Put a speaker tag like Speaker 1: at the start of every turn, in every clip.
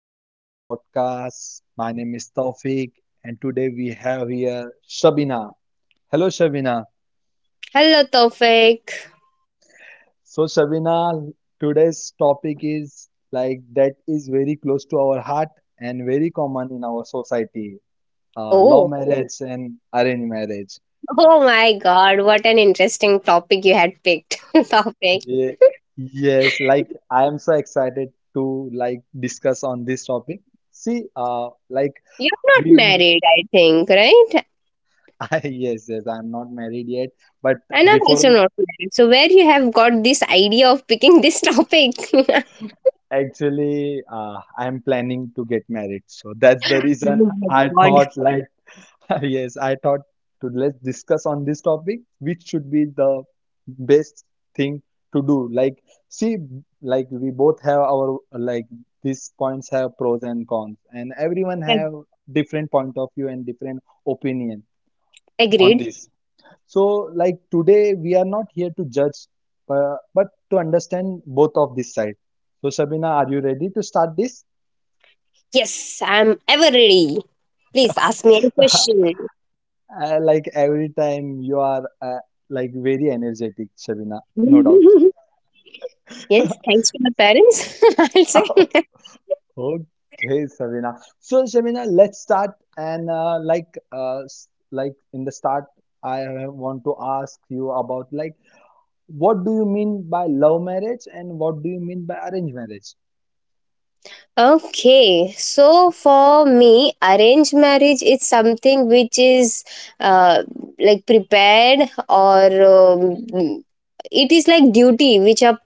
Speaker 1: back to my podcast. My name is Taufik and today we have here Shabina. Hello Shabina.
Speaker 2: Hello, Tofik.
Speaker 1: So Shabina, today's topic is like that is very close to our heart and very common in our society. Love
Speaker 2: Oh,
Speaker 1: marriage and arranged marriage.
Speaker 2: oh my God! What an interesting topic you had picked. topic.
Speaker 1: Ye- Yes, like I am so excited to like discuss on this topic. See, like
Speaker 2: You're not
Speaker 1: we
Speaker 2: married, I think, right?
Speaker 1: Yes, yes, I'm not married yet, but
Speaker 2: And I'm also
Speaker 1: before
Speaker 2: not married. So where you have got this idea of picking this topic? oh
Speaker 1: actually, I'm planning to get married. So that's the reason I
Speaker 2: my God!
Speaker 1: thought, like, yes, I thought to let's discuss on this topic, which should be the best thing to do. Like, see, like we both have our like these points have pros and cons, and everyone have different point of view and different opinion on
Speaker 2: Agreed.
Speaker 1: this. So, like today, we are not here to judge, but to understand both of this side. So, Sabina, are you ready to start this?
Speaker 2: Yes, I'm ever ready. Please ask me any question.
Speaker 1: Like every time you are like very energetic, Sabina, no doubt.
Speaker 2: yes, thanks to my parents. I'll say.
Speaker 1: Okay, Sabina. So, Sabina, let's start. And like, like in the start, I want to ask you about like, what do you mean by love marriage, and what do you mean by arranged marriage?
Speaker 2: Okay, so for me, arranged marriage is something which is uh, like prepared or um, it is like duty which a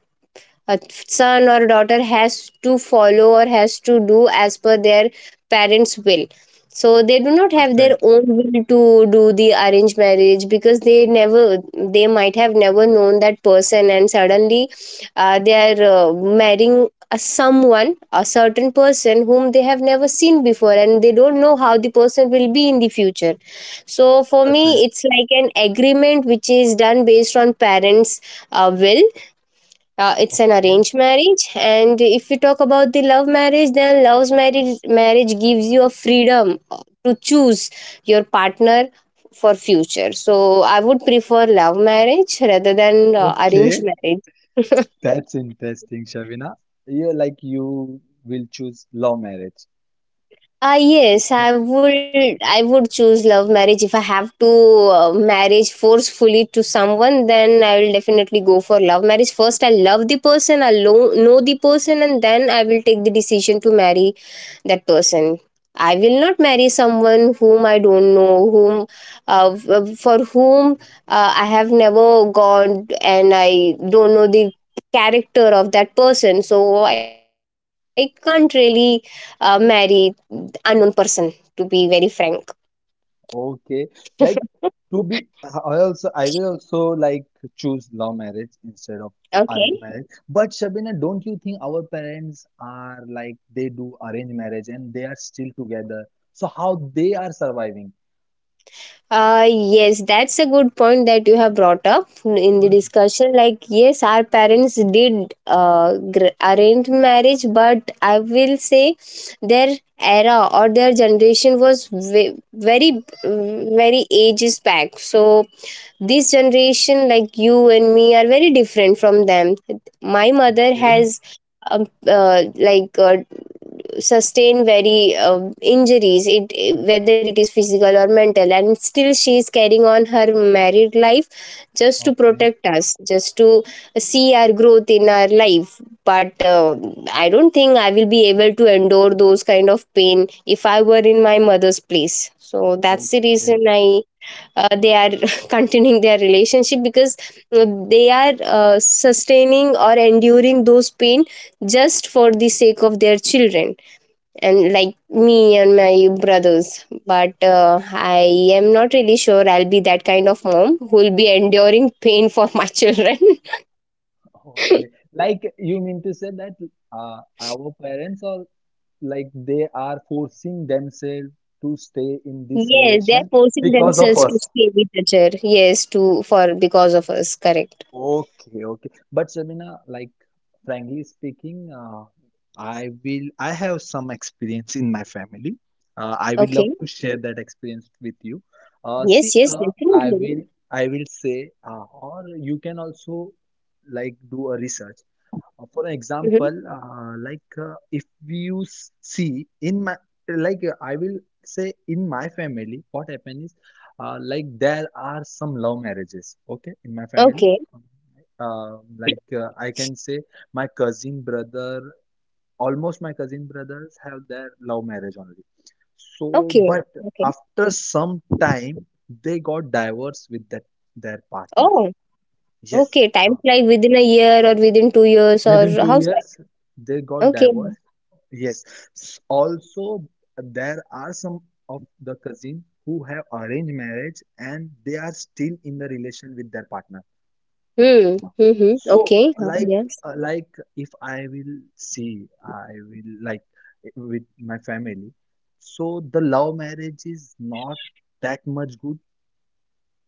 Speaker 2: a son or daughter has to follow or has to do as per their parents' will. So they do not have their
Speaker 1: Perfect,
Speaker 2: own will to do the arranged marriage because they never, they might have never known that person, and suddenly they are marrying a someone, a certain person whom they have never seen before, and they don't know how the person will be in the future. So for me,
Speaker 1: perfect.
Speaker 2: it's like an agreement which is done based on parents' will. It's an
Speaker 1: Okay,
Speaker 2: arranged marriage. And if you talk about the love marriage, then love's marriage marriage gives you a freedom to choose your partner for future. So I would prefer love marriage rather than arranged
Speaker 1: okay,
Speaker 2: marriage.
Speaker 1: that's interesting, Shavina. You like you will choose love marriage.
Speaker 2: Ah yes, I
Speaker 1: Okay,
Speaker 2: would I would choose love marriage. If I have to marriage forcefully to someone, then I will definitely go for love marriage first. I love the person, I know the person, and then I will take the decision to marry that person. I will not marry someone whom I don't know, whom for whom I have never gone, and I don't know the character of that person. So I can't really marry unknown person, to be very frank.
Speaker 1: okay. Like to be, I will also like choose love marriage instead of arranged
Speaker 2: Okay.
Speaker 1: marriage. But Shabina, don't you think our parents are like they do arranged marriage and they are still together? So how they are surviving?
Speaker 2: Yes, that's a good point that you have brought up in the discussion. Like, yes, our parents did arrange marriage, but I will say their era or their generation was very, very ages back. So, this generation, like you and me, are very different from them. My mother
Speaker 1: Okay,
Speaker 2: has. Like sustain very injuries, it whether it is physical or mental, and still she is carrying on her married life, just to
Speaker 1: okay,
Speaker 2: protect us, just to see our growth in our life. But I don't think I will be able to endure those kind of pain if I were in my mother's place. So that's the
Speaker 1: okay,
Speaker 2: reason I they are continuing their relationship, because uh, they are sustaining or enduring those pain, just for the sake of their children, and like me and my brothers. But I am not really sure I'll be that kind of mom who will be enduring pain for my children.
Speaker 1: okay. Like you mean to say that our parents or like they are forcing themselves to stay in this
Speaker 2: Yes, they're
Speaker 1: relation
Speaker 2: forcing
Speaker 1: because of
Speaker 2: themselves to
Speaker 1: us.
Speaker 2: stay with the chair. Yes, to for because of us. Correct.
Speaker 1: Okay, okay. But Shabina, like frankly speaking, I have some experience in my family. I will love
Speaker 2: Okay.
Speaker 1: to share that experience with you.
Speaker 2: Yes,
Speaker 1: See,
Speaker 2: yes,
Speaker 1: I
Speaker 2: definitely.
Speaker 1: will I will say, or you can also like do a research. For an
Speaker 2: Mm-hmm.
Speaker 1: example, like if you see in my like I will say in my family, what happened is like there are some love marriages. Okay, in my family,
Speaker 2: Okay.
Speaker 1: like I can say my cousin brother, almost my cousin brothers have their love marriage only. So,
Speaker 2: Okay.
Speaker 1: but
Speaker 2: Okay.
Speaker 1: after some time, they got divorced with that their partner.
Speaker 2: Oh,
Speaker 1: Yes,
Speaker 2: okay. Time
Speaker 1: uh,
Speaker 2: fly within a year or within 2 years or
Speaker 1: within two
Speaker 2: how's
Speaker 1: years, they
Speaker 2: that.
Speaker 1: got
Speaker 2: Okay.
Speaker 1: divorced. Yes. Also, there are some of the cousin who have arranged marriage and they are still in the relation with their partner
Speaker 2: Hmm.
Speaker 1: now.
Speaker 2: Mm-hmm.
Speaker 1: So,
Speaker 2: Okay. Yes.
Speaker 1: like if I will see, I will like with my family. So the love marriage is not that much good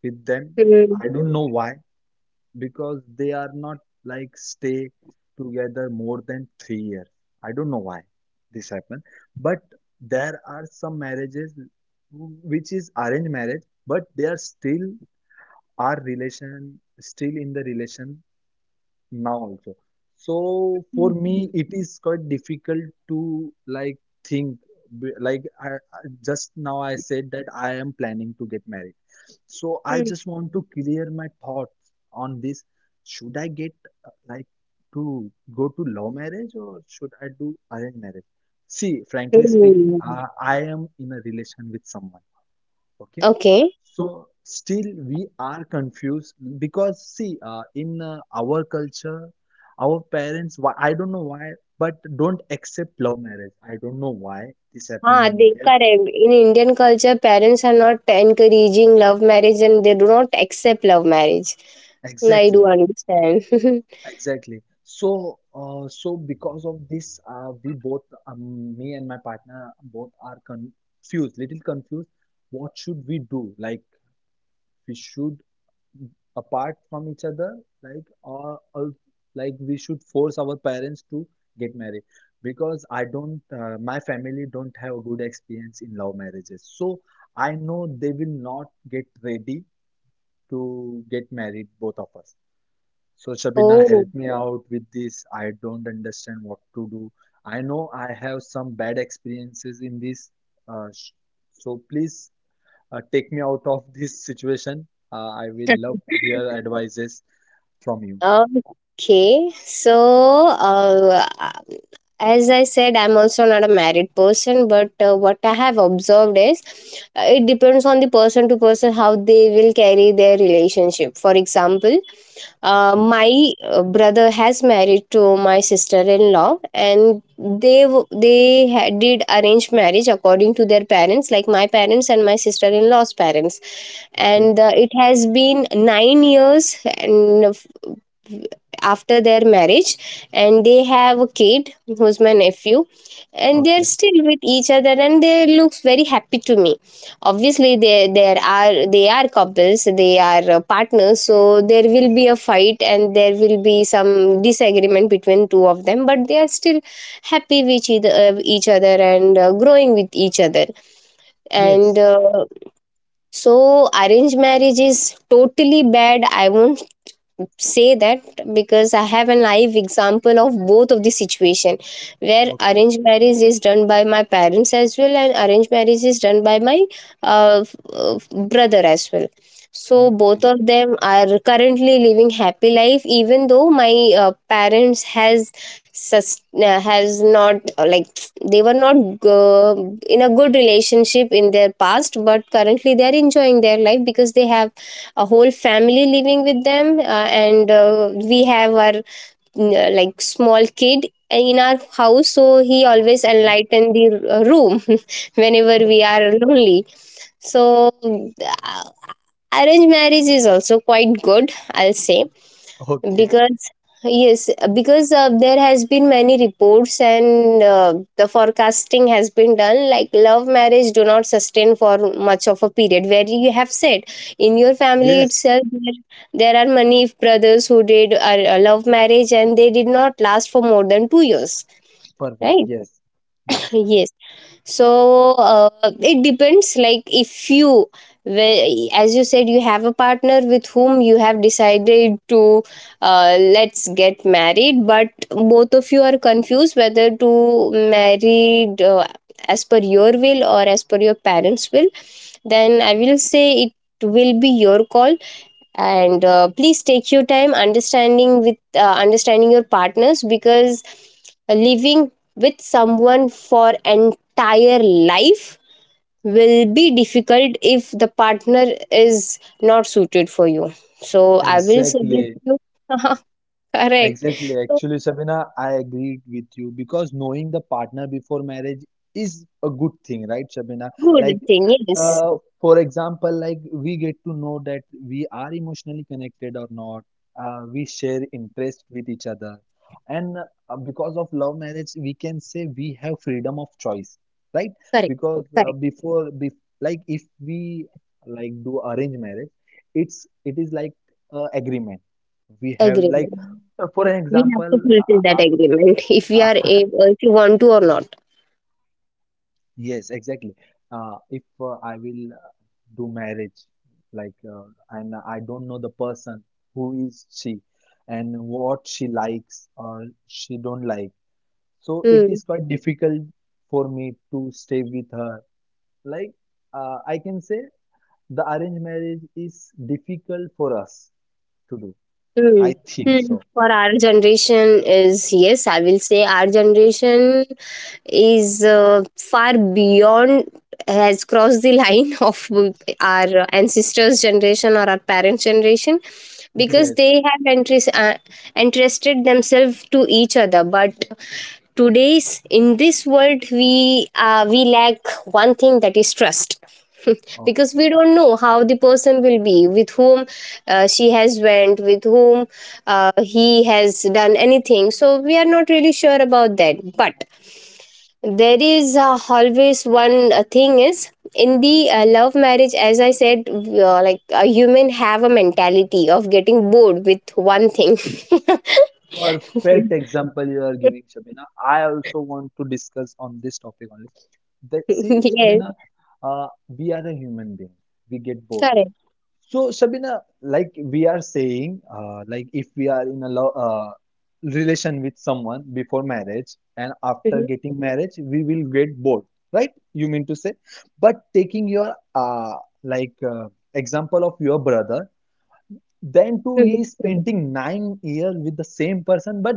Speaker 1: with them.
Speaker 2: Hmm.
Speaker 1: I don't know why, because they are not like stay together more than 3 years. I don't know why this happened, but there are some marriages which is arranged marriage, but they are still our relation, still in the relation now also. So for
Speaker 2: Hmm.
Speaker 1: me, it is quite difficult to like think like just now I said that I am planning to get married. So I
Speaker 2: Hmm.
Speaker 1: just want to clear my thoughts on this. Should I get like to go to love marriage or should I do arranged marriage? See, frankly speaking,
Speaker 2: Hmm.
Speaker 1: I am in a relation with someone. Okay.
Speaker 2: Okay.
Speaker 1: So still we are confused because see, in our culture, our parents, why, I don't know why, but don't accept love marriage. I don't know why this happened
Speaker 2: Ah,
Speaker 1: in
Speaker 2: they
Speaker 1: India.
Speaker 2: correct. In Indian culture, parents are not encouraging love marriage and they do not accept love marriage. I do
Speaker 1: Exactly.
Speaker 2: understand.
Speaker 1: Exactly. So, so because of this, we both, me and my partner, both are confused, little confused. What should we do? Like, we should apart from each other, like, or like we should force our parents to get married. Because I don't, my family don't have a good experience in love marriages. So I know they will not get ready to get married, both of us. So Shabina,
Speaker 2: Oh.
Speaker 1: help me out with this. I don't understand what to do. I know I have some bad experiences in this. Uh, so please take me out of this situation. I will love to hear advices from you.
Speaker 2: Okay, so as I said, I'm also not a married person, but what I have observed is it depends on the person to person how they will carry their relationship. For example,
Speaker 1: Okay,
Speaker 2: my brother has married to my sister-in-law, and they they did arrange marriage according to their parents, like my parents and my sister-in-law's parents,
Speaker 1: okay, okay.
Speaker 2: and it has been 9 years and after their marriage, and they have a kid who's my nephew, and they're
Speaker 1: Okay.
Speaker 2: still with each other and they looks very happy to me. Obviously they, there are, they are couples, they are partners, so there will be a fight and there will be some disagreement between two of them, but they are still happy with each other, each other, and growing with each other, and
Speaker 1: Yes,
Speaker 2: so arranged marriage is totally bad, I won't say that, because I have a live example of both of the situation, where
Speaker 1: okay,
Speaker 2: arranged marriage is done by my parents as well and arranged marriage is done by my uh, f- uh, brother as well. So both
Speaker 1: okay,
Speaker 2: of them are currently living happy life, even though my parents has has not like they were not in a good relationship in their past, but currently they are enjoying their life because they have a whole family living with them, and we have our like small kid in our house, so he always
Speaker 1: okay.
Speaker 2: enlighten the room whenever we are lonely. So uh, arranged marriage is also quite good, I'll say.
Speaker 1: Okay.
Speaker 2: Because yes, because there has been many reports and the forecasting has been done, like love marriage do not sustain for much of a period, where you have said in your family
Speaker 1: Yes,
Speaker 2: itself, there are many brothers who did a love marriage and they did not last for more than 2 years,
Speaker 1: perfect.
Speaker 2: right?
Speaker 1: Yes, yes,
Speaker 2: Yes. So it depends, like if you as you said, you have a partner with whom you have decided to let's get married, but both of you are confused whether to married as per your will or as per your parents will, then I will say it will be your call. And please take your time understanding with understanding your partners, because living with someone for entire life will be difficult if the partner is not suited for you. So I will suggest
Speaker 1: exactly.
Speaker 2: you. Correct.
Speaker 1: Exactly.
Speaker 2: So
Speaker 1: Actually, Sabina, I agreed with you because knowing the partner before marriage is a good thing, right, Sabina?
Speaker 2: good
Speaker 1: Like,
Speaker 2: thing, yes.
Speaker 1: uh, for example, like we get to know that we are emotionally connected or not. We share interest with each other, and because of love marriage, we can say we have freedom of choice, right?
Speaker 2: Correct.
Speaker 1: Because
Speaker 2: Correct.
Speaker 1: before, bef like if we like do arrange marriage, it is like agreement we have like
Speaker 2: Agreement,
Speaker 1: For an
Speaker 2: we have
Speaker 1: example,
Speaker 2: to fulfill that agreement if we are
Speaker 1: uh,
Speaker 2: able, if you want to or not.
Speaker 1: yes, exactly. If I will do marriage, like, and I don't know the person, who is she, and what she likes or she don't like. So it is
Speaker 2: Hmm.
Speaker 1: quite difficult for me to stay with her. Like, I can say the arranged marriage is difficult for us to do.
Speaker 2: Hmm.
Speaker 1: I think
Speaker 2: Hmm.
Speaker 1: so.
Speaker 2: For our generation, is yes, I will say our generation is far beyond, has crossed the line of our ancestors generation or our parents generation, because
Speaker 1: Yes.
Speaker 2: they have interest, interested themselves to each other, but today's, in this world we lack one thing, that is trust. Because
Speaker 1: Okay.
Speaker 2: we don't know how the person will be, with whom she has went, with whom he has done anything, so we are not really sure about that. But there is always one thing is in the love marriage, as I said, like a human have a mentality of getting bored with one thing.
Speaker 1: Perfect example you are giving, Shabina. I also want to discuss on this topic only. That see,
Speaker 2: Yes.
Speaker 1: Shabina, we are a human being. We get bored.
Speaker 2: Correct.
Speaker 1: So, Shabina, like we are saying, like if we are in a lo relation with someone before marriage and after
Speaker 2: Mhm,
Speaker 1: getting marriage, we will get bored, right? You mean to say? But taking your like example of your brother, then too, he
Speaker 2: mhm.
Speaker 1: is spending 9 years with the same person, but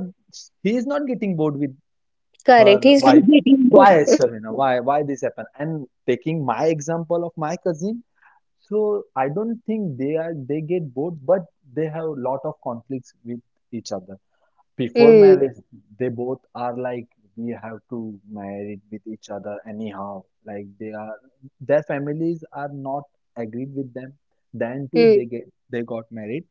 Speaker 1: he is not getting bored with
Speaker 2: Correct,
Speaker 1: her
Speaker 2: he's not
Speaker 1: wife.
Speaker 2: getting bored.
Speaker 1: Why, Serena? Why this happened? And taking my example of my cousin, so I don't think they get bored, but they have a lot of conflicts with each other. Before
Speaker 2: Mm,
Speaker 1: marriage, they both are like we have to marry with each other anyhow. Like their families are not agreed with them. Then too,
Speaker 2: mm,
Speaker 1: they got married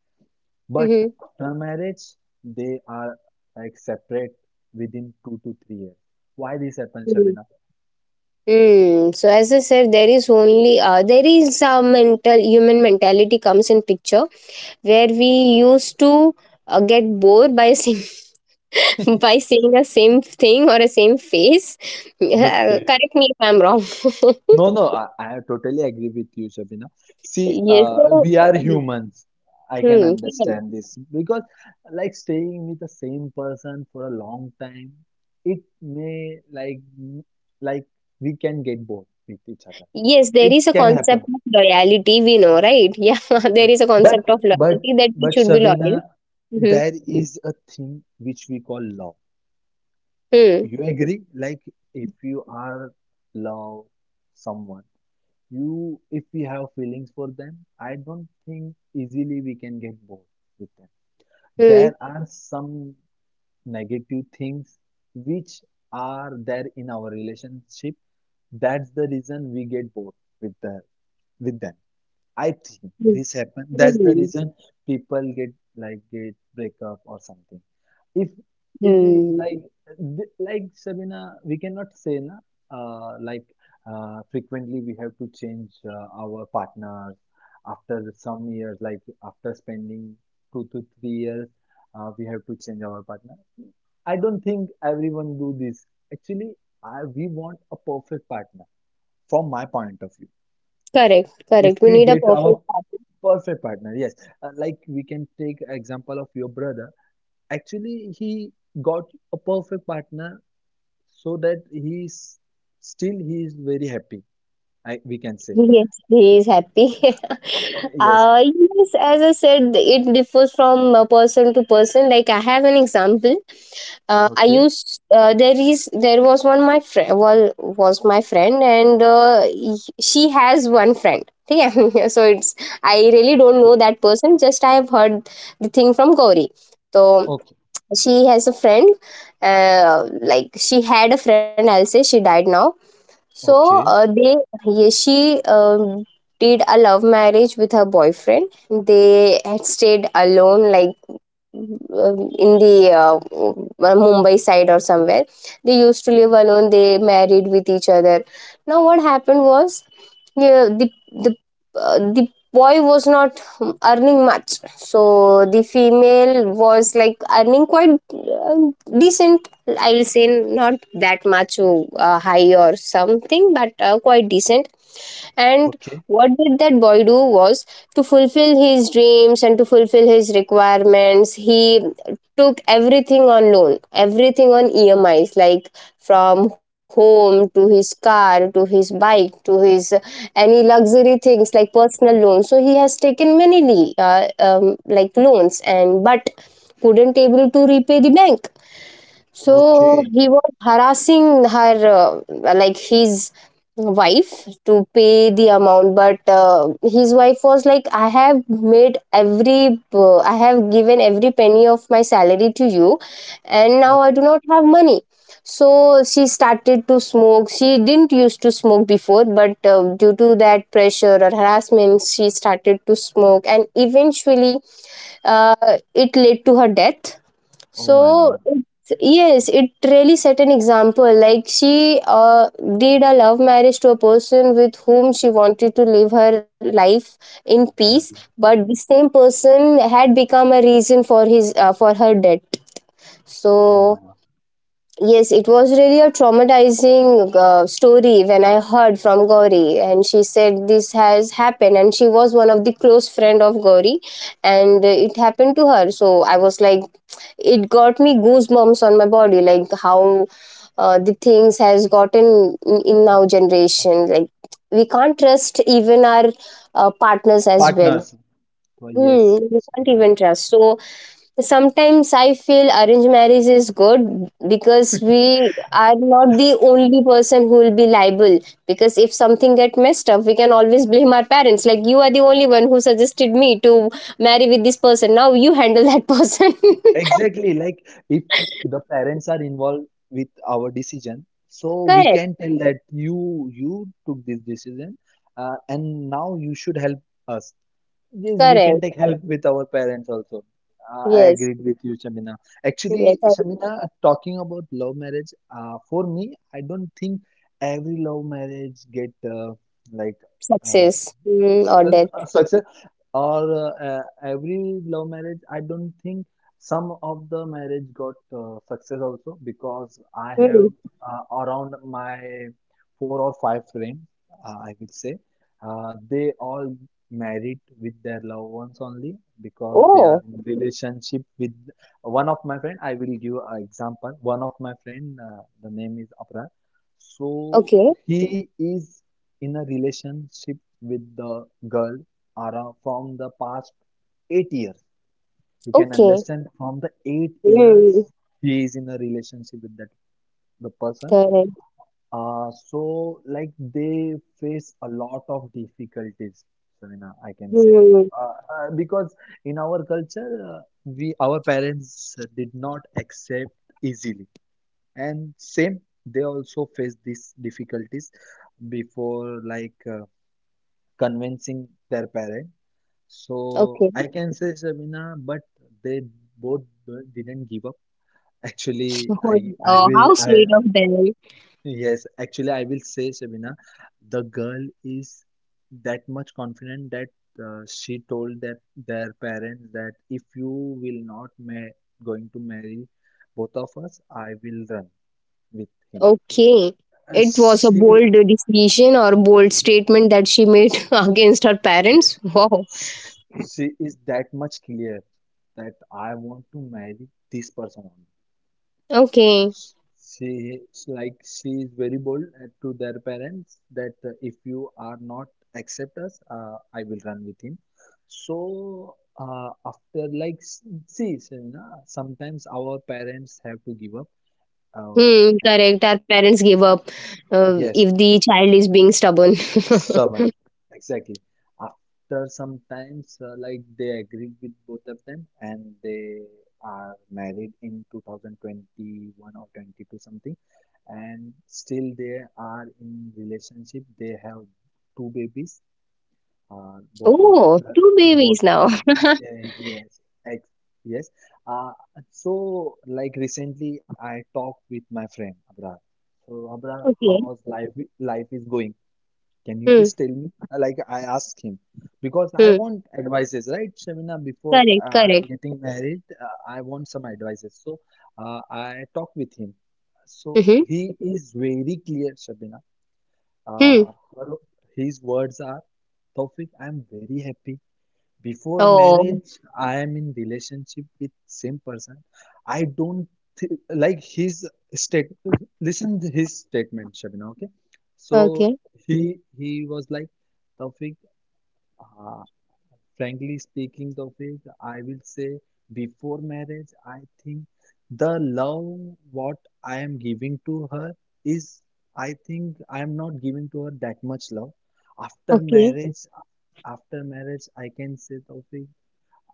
Speaker 1: but
Speaker 2: mhm,
Speaker 1: after marriage, they are like separate within 2 to 3 years. Why this happens,
Speaker 2: mm.
Speaker 1: Shabina?
Speaker 2: Mm. So as I said, there is only there is a mental, human mentality comes in picture, where we used to get bored by a single by seeing the same thing or a same face.
Speaker 1: Okay.
Speaker 2: Correct me if I'm wrong.
Speaker 1: No, no, I totally agree with you, Shabina. See,
Speaker 2: Yes. So,
Speaker 1: we are humans. I can
Speaker 2: hmm, correct.
Speaker 1: understand this because, like, staying with the same person for a long time, it may like we can get bored with each other.
Speaker 2: Yes, there
Speaker 1: It
Speaker 2: is a
Speaker 1: can happen.
Speaker 2: concept of loyalty, we know, right? Yeah, there
Speaker 1: Yes.
Speaker 2: is a
Speaker 1: But
Speaker 2: concept of
Speaker 1: but
Speaker 2: loyalty, that we
Speaker 1: but
Speaker 2: should be loyal.
Speaker 1: Sabina,
Speaker 2: Mm-hmm.
Speaker 1: there is a thing which we call love.
Speaker 2: Hmm.
Speaker 1: You agree? Like if you are love someone, you if we have feelings for them, I don't think easily we can get bored with them. There
Speaker 2: Hmm.
Speaker 1: are some negative things which are there in our relationship. That's the reason we get bored with the with them. I think
Speaker 2: Hmm.
Speaker 1: this happened. That's the
Speaker 2: Hmm.
Speaker 1: reason people get like get breakup or something. If if you
Speaker 2: Hmm.
Speaker 1: like like Sabina, we cannot say na like frequently we have to change our partners after some years. Like after spending 2 to 3 years, we have to change our partner. I don't think everyone do this. Actually, we want a perfect partner from my point of view.
Speaker 2: Correct,
Speaker 1: If
Speaker 2: correct. We
Speaker 1: we
Speaker 2: need a
Speaker 1: get our
Speaker 2: perfect partner.
Speaker 1: perfect partner, yes, like we can take example of your brother. Actually, he got a perfect partner so that he's still he is very happy. We can say
Speaker 2: Yes, he is happy.
Speaker 1: yes.
Speaker 2: Yes, as I said, it differs from person to person. Like I have an example. I
Speaker 1: Okay,
Speaker 2: used There is, there was one my friend, well, was my friend, and she has one friend. Okay, so it's, I really don't
Speaker 1: okay,
Speaker 2: know that person. Just I have heard the thing from Gauri. So
Speaker 1: okay,
Speaker 2: she has a friend. Like she had a friend, I'll say. She died now. So
Speaker 1: okay,
Speaker 2: she did a love marriage with her boyfriend. They had stayed alone, like in the Mumbai side or somewhere. They used to live alone. They married with each other. Now what happened was, yeah, the boy was not earning much, so the female was like earning quite decent. I will say not that much high or something, but quite decent. And
Speaker 1: okay,
Speaker 2: what did that boy do was, to fulfill his dreams and to fulfill his requirements, he took everything on loan, everything on EMIs, like from home to his car to his bike to his any luxury things, like personal loans. So he has taken many like loans, and but couldn't able to repay the bank. So
Speaker 1: okay,
Speaker 2: he was harassing her, like his wife, to pay the amount. But his wife was like, "I have made every, I have given every penny of my salary to you, and now I do
Speaker 1: okay.
Speaker 2: not have money." So she started to smoke. She didn't used to smoke before, but due to that pressure or harassment, she started to smoke, and eventually, it led to her death.
Speaker 1: Oh my
Speaker 2: So
Speaker 1: God.
Speaker 2: it's, yes, it really set an example. Like she did a love marriage to a person with whom she wanted to live her life in peace,
Speaker 1: that-
Speaker 2: but the same person had become a reason for his for her death.
Speaker 1: oh my
Speaker 2: So
Speaker 1: God.
Speaker 2: yes, it was really a traumatizing story when I heard from Gauri, and she said this has happened, and she was one of the close friend of Gauri, and it happened to her. So I was like, it got me goosebumps on my body like how the things has gotten in now generation like we can't trust even our partners as well.
Speaker 1: Partners, so yes.
Speaker 2: We can't even trust. So sometimes I feel arranged marriage is good, because we are not the only person who will be liable, because if something get messed up we can always blame our parents like you are the only one who suggested me to marry with this person, now you handle that person.
Speaker 1: Exactly, like if the parents are involved with our decision, so we
Speaker 2: Correct.
Speaker 1: can tell that you took this decision, and now you should help us. Yes, we can
Speaker 2: Correct.
Speaker 1: take help with our parents also. I
Speaker 2: Yes,
Speaker 1: agreed with you, Shamina.
Speaker 2: yes,
Speaker 1: Actually,
Speaker 2: I
Speaker 1: Shamina, talking about love marriage, for me, I don't think every love marriage get like uh,
Speaker 2: success or death.
Speaker 1: success or every love marriage. I don't think some of the marriage got success also because I
Speaker 2: Mm.
Speaker 1: have around my four or five friends, I will say. They all married with their loved ones only because they are
Speaker 2: Oh,
Speaker 1: in relationship with one of my friend, I will give an example, one of my friend, the name is Abra. So
Speaker 2: okay,
Speaker 1: he is in a relationship with the girl Ara from the past 8 years. You can
Speaker 2: okay.
Speaker 1: understand, from the 8 years
Speaker 2: Mm,
Speaker 1: he is in a relationship with that the person.
Speaker 2: correct.
Speaker 1: So like they face a lot of difficulties, Savina, I can say,
Speaker 2: Mm,
Speaker 1: because in our culture, we our parents did not accept easily, and same they also face these difficulties before like convincing their parent. So
Speaker 2: okay.
Speaker 1: I can say, Savina, but they both didn't give up. Actually,
Speaker 2: Oh,
Speaker 1: I I
Speaker 2: oh,
Speaker 1: will
Speaker 2: how
Speaker 1: I
Speaker 2: sweet of them.
Speaker 1: yes, actually, I will say, Shabina, the girl is that much confident that she told that their parents that if you will not ma going to marry both of us, I will run with him.
Speaker 2: Okay.
Speaker 1: Uh,
Speaker 2: It was a
Speaker 1: she,
Speaker 2: bold decision or bold statement that she made against her parents. Wow.
Speaker 1: yes, she is that much clear that I want to marry this person only.
Speaker 2: Okay.
Speaker 1: she she is very bold to their parents that if you are not accept us, I will run with him. So after like see, Shavina, sometimes our parents have to give up, uh,
Speaker 2: Hmm,
Speaker 1: and,
Speaker 2: correct. Our parents
Speaker 1: uh,
Speaker 2: give up
Speaker 1: yes.
Speaker 2: if the child is being stubborn.
Speaker 1: Stubborn, exactly. After some times, like they agreed with both of them, and they are married in 2021 or 22 something, and still they are in relationship. They have two babies, both of
Speaker 2: Oh,
Speaker 1: the
Speaker 2: two babies
Speaker 1: both
Speaker 2: now.
Speaker 1: babies. Yeah, yes, ex yes. Uh, so like recently, I talked with my friend Abrar. So Abrar,
Speaker 2: Okay.
Speaker 1: how's life is going? Can you
Speaker 2: Hmm,
Speaker 1: please tell me? Like I asked him because I
Speaker 2: hmm.
Speaker 1: want advices, right, Shamina? Before
Speaker 2: Correct,
Speaker 1: I'm
Speaker 2: correct.
Speaker 1: getting married, I want some advices. So I talked with him. So
Speaker 2: Mm-hmm.
Speaker 1: he is very clear, Shabina.
Speaker 2: Hmm.
Speaker 1: Uh, her, his words are, Taufik, I'm very happy. Before
Speaker 2: Oh,
Speaker 1: marriage, I am in relationship with same person. I don't th like his state. Listen to his statement, Shabina. Okay, so
Speaker 2: okay.
Speaker 1: he was like, Taufik. Uh, Frankly speaking, Taufik, I will say before marriage, I think the love what I am giving to her is, I think I am not giving to her that much love. After
Speaker 2: Okay.
Speaker 1: marriage, after marriage I can say, Taufik,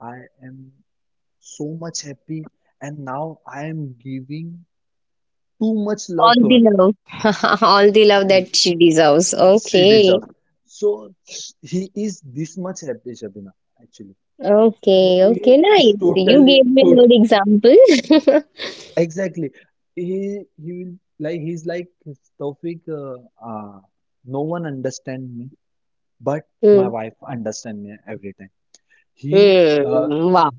Speaker 1: I am so much happy, and now I am giving too much
Speaker 2: All
Speaker 1: love to
Speaker 2: the
Speaker 1: her.
Speaker 2: love. All the love
Speaker 1: And
Speaker 2: that she deserves.
Speaker 1: she
Speaker 2: Okay.
Speaker 1: deserves. So he is this much happy, Shabina, actually. So
Speaker 2: Okay.
Speaker 1: he
Speaker 2: Okay.
Speaker 1: is
Speaker 2: Nice. You
Speaker 1: totally,
Speaker 2: gave me a
Speaker 1: tot
Speaker 2: good example.
Speaker 1: exactly. He's like, Taufik. No one understand me, but my
Speaker 2: Hmm.
Speaker 1: wife understand me every time. He uh,
Speaker 2: Hmm. Wow.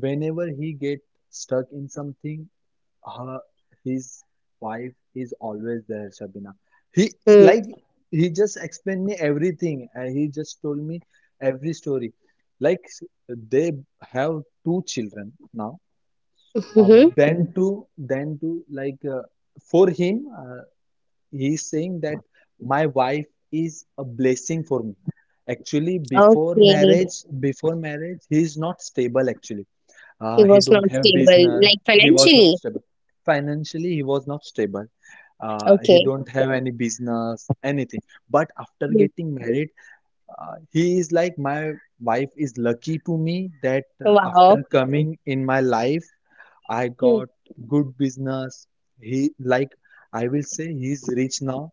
Speaker 1: Whenever he get stuck in something, her his wife is always there, Shabina. he
Speaker 2: Hmm.
Speaker 1: like he just explained me everything and he just told me every story. like s- they have two children now. Uh,
Speaker 2: Mm-hmm.
Speaker 1: then to like For him, he's saying that my wife is a blessing for me. Actually, before
Speaker 2: Okay.
Speaker 1: marriage, before marriage he is not stable actually.
Speaker 2: He
Speaker 1: He
Speaker 2: was
Speaker 1: don't
Speaker 2: not
Speaker 1: have
Speaker 2: stable,
Speaker 1: business.
Speaker 2: like
Speaker 1: He was not
Speaker 2: financially.
Speaker 1: stable. Financially, he was not stable. He
Speaker 2: Okay.
Speaker 1: don't have any business, anything. But after
Speaker 2: Hmm.
Speaker 1: getting married, he is like, my wife is lucky to me that after
Speaker 2: Wow.
Speaker 1: coming in my life, I
Speaker 2: Hmm.
Speaker 1: got good business. He like I will say he's rich now.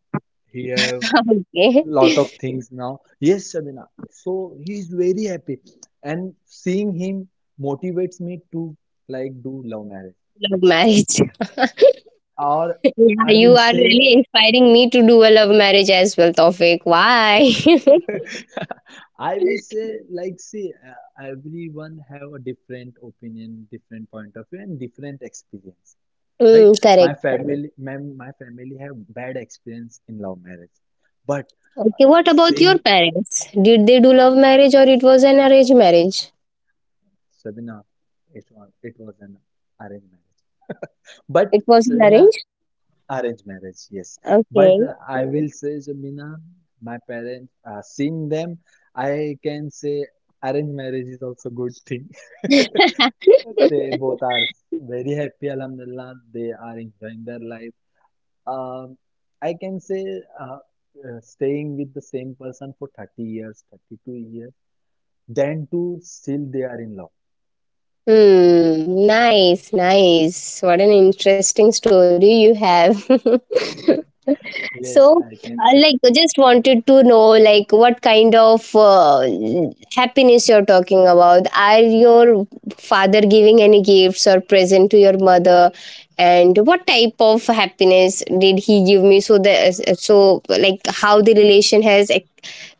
Speaker 1: He have
Speaker 2: Okay.
Speaker 1: lot of things now. Yes, Shabina. So he is very happy, and seeing him motivates me to like do love marriage
Speaker 2: Love
Speaker 1: actually.
Speaker 2: marriage.
Speaker 1: Or
Speaker 2: Yeah,
Speaker 1: I
Speaker 2: you
Speaker 1: will
Speaker 2: are
Speaker 1: say,
Speaker 2: really inspiring me to do a love marriage as well, Tofik. Why?
Speaker 1: I will say, like see, everyone have a different opinion, different point of view, and different experience, right?
Speaker 2: Hmm.
Speaker 1: My
Speaker 2: Correct.
Speaker 1: family, my family have bad experience in love marriage, but
Speaker 2: Okay, what about your
Speaker 1: same,
Speaker 2: parents? Did they do love marriage or it was an arranged marriage?
Speaker 1: Sabina, it was an arranged marriage. But
Speaker 2: It was an
Speaker 1: Sabina,
Speaker 2: arranged?
Speaker 1: arranged marriage, yes. But
Speaker 2: Okay.
Speaker 1: I will say, Sabina, my parents, seeing them, I can say arranged marriage is also good thing. They both are very happy, Alhamdulillah. They are enjoying their life. Um, I can say uh, staying with the same person for 30 years, 32 years, then too, still they are in love.
Speaker 2: Hmm, nice, nice. What an interesting story you have. So,
Speaker 1: Yes, I can say.
Speaker 2: like, just wanted to know, like, what kind of happiness you're talking about? Are your father giving any gifts or present to your mother? And what type of happiness did he give me? So that, so like, how the relation has like,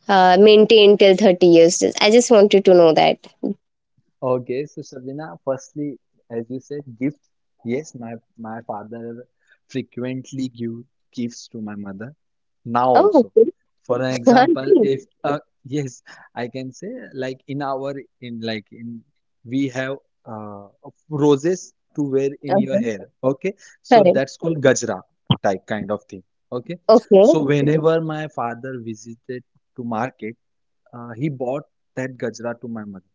Speaker 2: maintained till 30 years? I just wanted to know that.
Speaker 1: Okay, so Shabina, firstly, as you said, gifts. Yes, my father frequently give gifts to my mother. Now
Speaker 2: Oh,
Speaker 1: also,
Speaker 2: okay.
Speaker 1: for an example, if yes, I can say like in our in like in we have uh, roses to wear in your
Speaker 2: Uh-huh.
Speaker 1: hair. Okay, so
Speaker 2: Correct.
Speaker 1: that's called gajra type kind of thing. Okay,
Speaker 2: Okay.
Speaker 1: so whenever my father visited to market, he bought that gajra to my mother.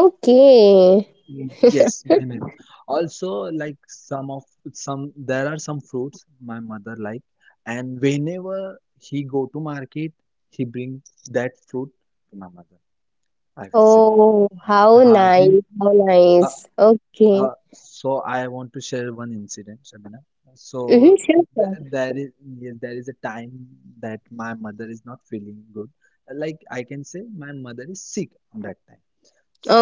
Speaker 2: Okay.
Speaker 1: Mm, yes, whenever. Also, like some of some there are some fruits my mother like, and whenever he go to market, he bring that fruit to my mother. I will say,
Speaker 2: Oh, how
Speaker 1: ha, he,
Speaker 2: nice. How
Speaker 1: uh,
Speaker 2: nice. Okay.
Speaker 1: so I want to share one incident, Shabina. So
Speaker 2: Mm-hmm. Sure,
Speaker 1: th
Speaker 2: sure.
Speaker 1: there is, yes, there is a time that my mother is not feeling good. Like I can say, my mother is sick on that time.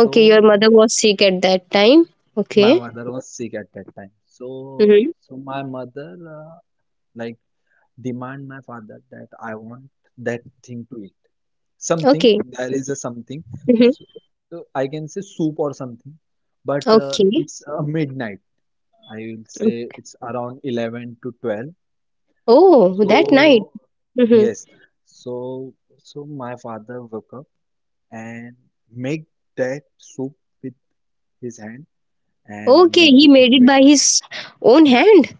Speaker 1: So
Speaker 2: your mother was sick at that time.
Speaker 1: my
Speaker 2: Okay.
Speaker 1: mother was sick at that time. So,
Speaker 2: Mm-hmm.
Speaker 1: so my mother like demand my father that I want that thing to eat. Something,
Speaker 2: Okay.
Speaker 1: there is a something.
Speaker 2: Mm-hmm.
Speaker 1: So, so I can say soup or something, but
Speaker 2: Okay.
Speaker 1: it's midnight. I will say it's around 11 to 12.
Speaker 2: Oh,
Speaker 1: So,
Speaker 2: that night. Mm-hmm.
Speaker 1: yes. So, so my father woke up and make that soup with his hand and
Speaker 2: Okay,
Speaker 1: you
Speaker 2: he made it by his own hand.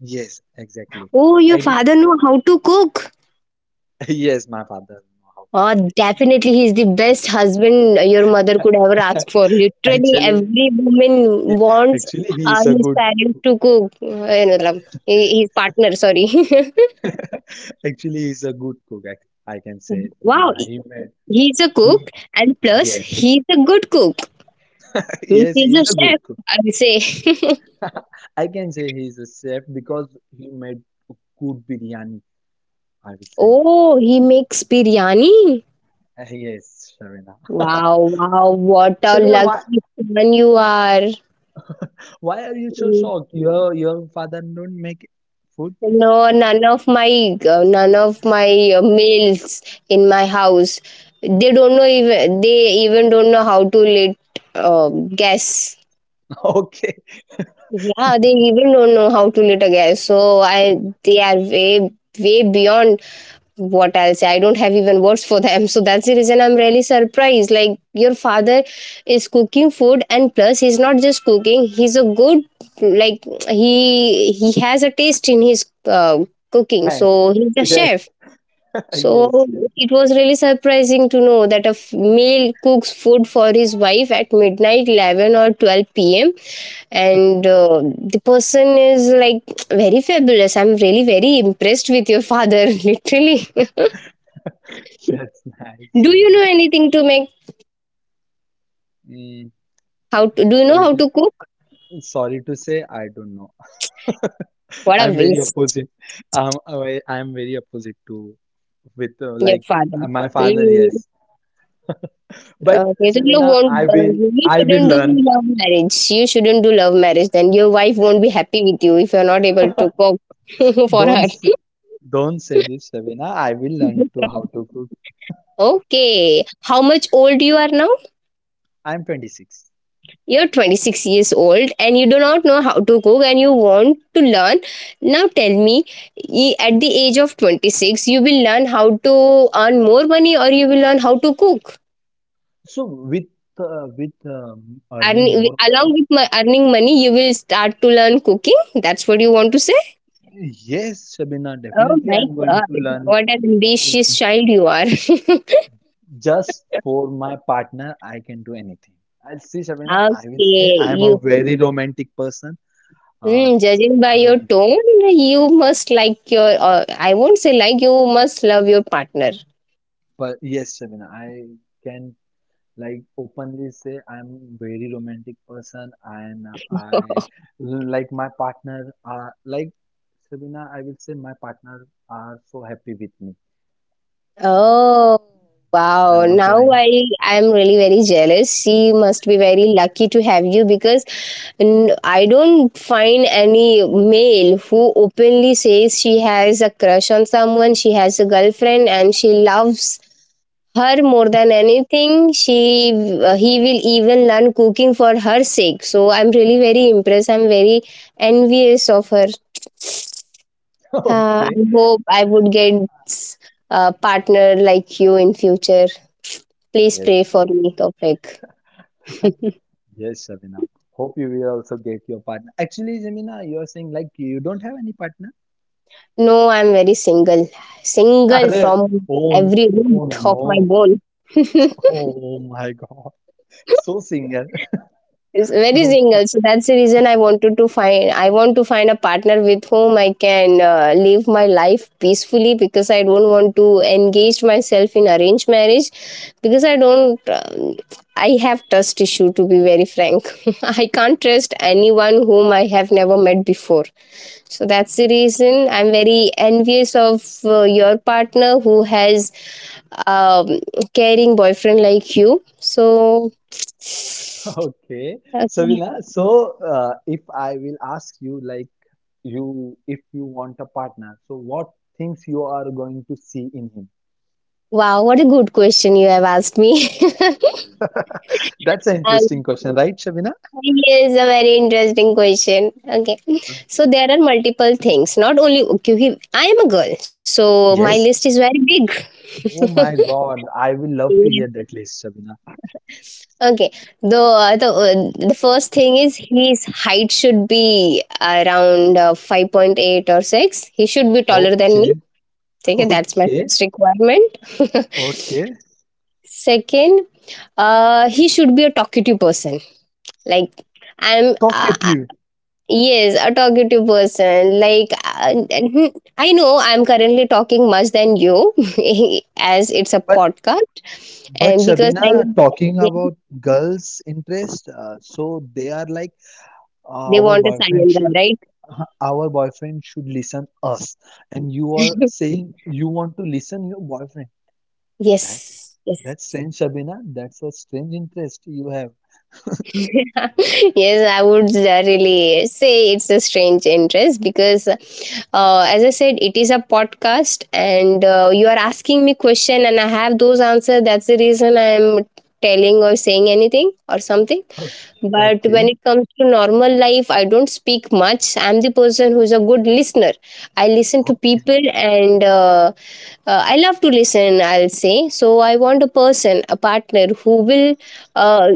Speaker 1: yes, exactly.
Speaker 2: Oh, your
Speaker 1: And
Speaker 2: father know how to cook.
Speaker 1: yes, my father know how to
Speaker 2: Oh,
Speaker 1: cook
Speaker 2: definitely, he's the best husband your mother could ever
Speaker 1: actually.
Speaker 2: ask for. Literally,
Speaker 1: Actually,
Speaker 2: every woman wants
Speaker 1: he is a
Speaker 2: his
Speaker 1: good
Speaker 2: parents to cook. His partner, sorry.
Speaker 1: actually he's a good cook. I can say,
Speaker 2: Wow,
Speaker 1: Vinay. He made
Speaker 2: he's a
Speaker 1: he
Speaker 2: cook, and plus,
Speaker 1: yes,
Speaker 2: he's a good cook. Means
Speaker 1: yes,
Speaker 2: he's
Speaker 1: he
Speaker 2: a
Speaker 1: is a
Speaker 2: chef.
Speaker 1: good cook.
Speaker 2: I would say,
Speaker 1: I can say he's a chef because he made good biryani. I would say,
Speaker 2: oh, he makes biryani.
Speaker 1: Yes, Shavina.
Speaker 2: Wow, wow, what a
Speaker 1: Shavina,
Speaker 2: lucky man you are.
Speaker 1: why are you so shocked? Your father don't make food?
Speaker 2: No, none of my males in my house. They don't know even they even don't know how to lit uh, gas.
Speaker 1: Okay,
Speaker 2: Yeah, they even don't know how to lit a gas. So I They are way way beyond what I'll say. I don't have even words for them. So that's the reason I'm really surprised. Like your father is cooking food and plus he's not just cooking, he's a good like he has a taste in his cooking.
Speaker 1: thanks.
Speaker 2: So he's a
Speaker 1: Yes.
Speaker 2: chef. So
Speaker 1: Yes,
Speaker 2: it was really surprising to know that a male cooks food for his wife at midnight 11 or 12 p.m. and the person is like very fabulous. I'm really very impressed with your father literally.
Speaker 1: that's nice,
Speaker 2: Do
Speaker 1: you
Speaker 2: you
Speaker 1: know.
Speaker 2: know anything to make?
Speaker 1: Mm,
Speaker 2: How to Do you know
Speaker 1: sorry
Speaker 2: how
Speaker 1: to
Speaker 2: to cook?
Speaker 1: sorry to say, I don't know.
Speaker 2: What a
Speaker 1: I'm very
Speaker 2: waste,
Speaker 1: opposite. I am very opposite to with
Speaker 2: your
Speaker 1: like
Speaker 2: father.
Speaker 1: my father.
Speaker 2: Hmm.
Speaker 1: Yes, but
Speaker 2: Okay, then you
Speaker 1: Sabina,
Speaker 2: won't. You
Speaker 1: I will
Speaker 2: shouldn't do
Speaker 1: learn.
Speaker 2: love marriage. You shouldn't do love marriage. Then your wife won't be happy with you if you're not able to cook for
Speaker 1: Don't
Speaker 2: her.
Speaker 1: s- don't say this, Sabina. I will learn to how to cook.
Speaker 2: Okay, how much old you are now?
Speaker 1: I'm 26.
Speaker 2: You're 26 years old and you do not know how to cook and you want to learn. Now tell me, at the age of 26, you will learn how to earn more money or you will learn how to cook?
Speaker 1: So with earning
Speaker 2: Earning
Speaker 1: more money,
Speaker 2: along with my earning money, you will start to learn cooking. That's what you want to say?
Speaker 1: yes, Sabina,
Speaker 2: Oh
Speaker 1: definitely
Speaker 2: my
Speaker 1: I'm going
Speaker 2: god!
Speaker 1: to learn
Speaker 2: What an
Speaker 1: new
Speaker 2: ambitious child you are.
Speaker 1: just for my partner, I can do anything. I'll see, Shabina. I will say
Speaker 2: Okay,
Speaker 1: I'm
Speaker 2: you.
Speaker 1: a very romantic person. Uh,
Speaker 2: Hmm, judging by your
Speaker 1: I-
Speaker 2: tone, you must like your. I won't say like you must love your partner.
Speaker 1: but yes, Shabina, I can like openly say I'm very romantic person, and I like my partner. Shabina, I will say my partner are so happy with me.
Speaker 2: Oh,
Speaker 1: Yes, I'm
Speaker 2: wow.
Speaker 1: not
Speaker 2: Now
Speaker 1: lying.
Speaker 2: I'm really very jealous. She must be very lucky to have you because I don't find any male who openly says she has a crush on someone, she has a girlfriend, and she loves her more than anything. She He will even learn cooking for her sake. So I'm really very impressed. I'm very envious of her.
Speaker 1: Okay.
Speaker 2: I hope I would get s- a partner like you in future. Please
Speaker 1: Yes,
Speaker 2: pray for
Speaker 1: yes,
Speaker 2: me, Tofik.
Speaker 1: yes, Shabina. Hope you will also get your partner. Actually, Jamina, you are saying like you don't have any partner.
Speaker 2: No, I'm very single. Single
Speaker 1: अरे
Speaker 2: from
Speaker 1: oh,
Speaker 2: every root
Speaker 1: oh
Speaker 2: of
Speaker 1: no,
Speaker 2: my bone.
Speaker 1: oh my god, so single.
Speaker 2: It's very
Speaker 1: Okay,
Speaker 2: single. So that's the reason I wanted to find. I want to find a partner with whom I can live my life peacefully, because I don't want to engage myself in arranged marriage because I don't. I have trust issue, to be very frank. I can't trust anyone whom I have never met before. So that's the reason I'm very envious of your partner who has um, caring boyfriend like you. So.
Speaker 1: okay, so
Speaker 2: Okay.
Speaker 1: Savila, so if I will ask you like you if you want a partner, so what things you are going to see in him?
Speaker 2: Wow, what a good question you have asked me.
Speaker 1: That's an
Speaker 2: Um,
Speaker 1: interesting question, right, Shabina?
Speaker 2: Yes, a very interesting question. Okay, so there are multiple things. Not only क्योंकि I am a girl, so my list
Speaker 1: Yes,
Speaker 2: is very big.
Speaker 1: oh my god, I will love to
Speaker 2: Yeah.
Speaker 1: hear that list, Shabina.
Speaker 2: Okay, the first thing is his height should be around 5.8 or six. He should be taller than
Speaker 1: Okay,
Speaker 2: me. Okay, that's my
Speaker 1: okay,
Speaker 2: first requirement.
Speaker 1: okay,
Speaker 2: Second, he should be a talkative person. Like I'm, uh,
Speaker 1: talkative.
Speaker 2: Yes, a talkative person. Like, and I know I'm currently talking much than you, as it's a
Speaker 1: but
Speaker 2: podcast,
Speaker 1: But
Speaker 2: and because I,
Speaker 1: Shabina, talking
Speaker 2: yeah,
Speaker 1: about girls' interest, so they are like uh,
Speaker 2: they
Speaker 1: our
Speaker 2: want a
Speaker 1: boyfriend
Speaker 2: silent guy,
Speaker 1: should,
Speaker 2: right?
Speaker 1: our boyfriend should listen us, and you are saying you want to listen your boyfriend.
Speaker 2: Yes,
Speaker 1: That's
Speaker 2: yes.
Speaker 1: that's strange, Shabina. That's a strange interest you have.
Speaker 2: Yes, I would really say it's a strange interest because, as I said, it is a podcast, and you are asking me question, and I have those answers. That's the reason I am telling or saying anything or something.
Speaker 1: Huh.
Speaker 2: But when
Speaker 1: Okay,
Speaker 2: it comes to normal life, I don't speak much. I'm the person who's a good listener. I listen to
Speaker 1: okay,
Speaker 2: people, and I love to listen. I'll say so. I want a person, a partner who will. Uh,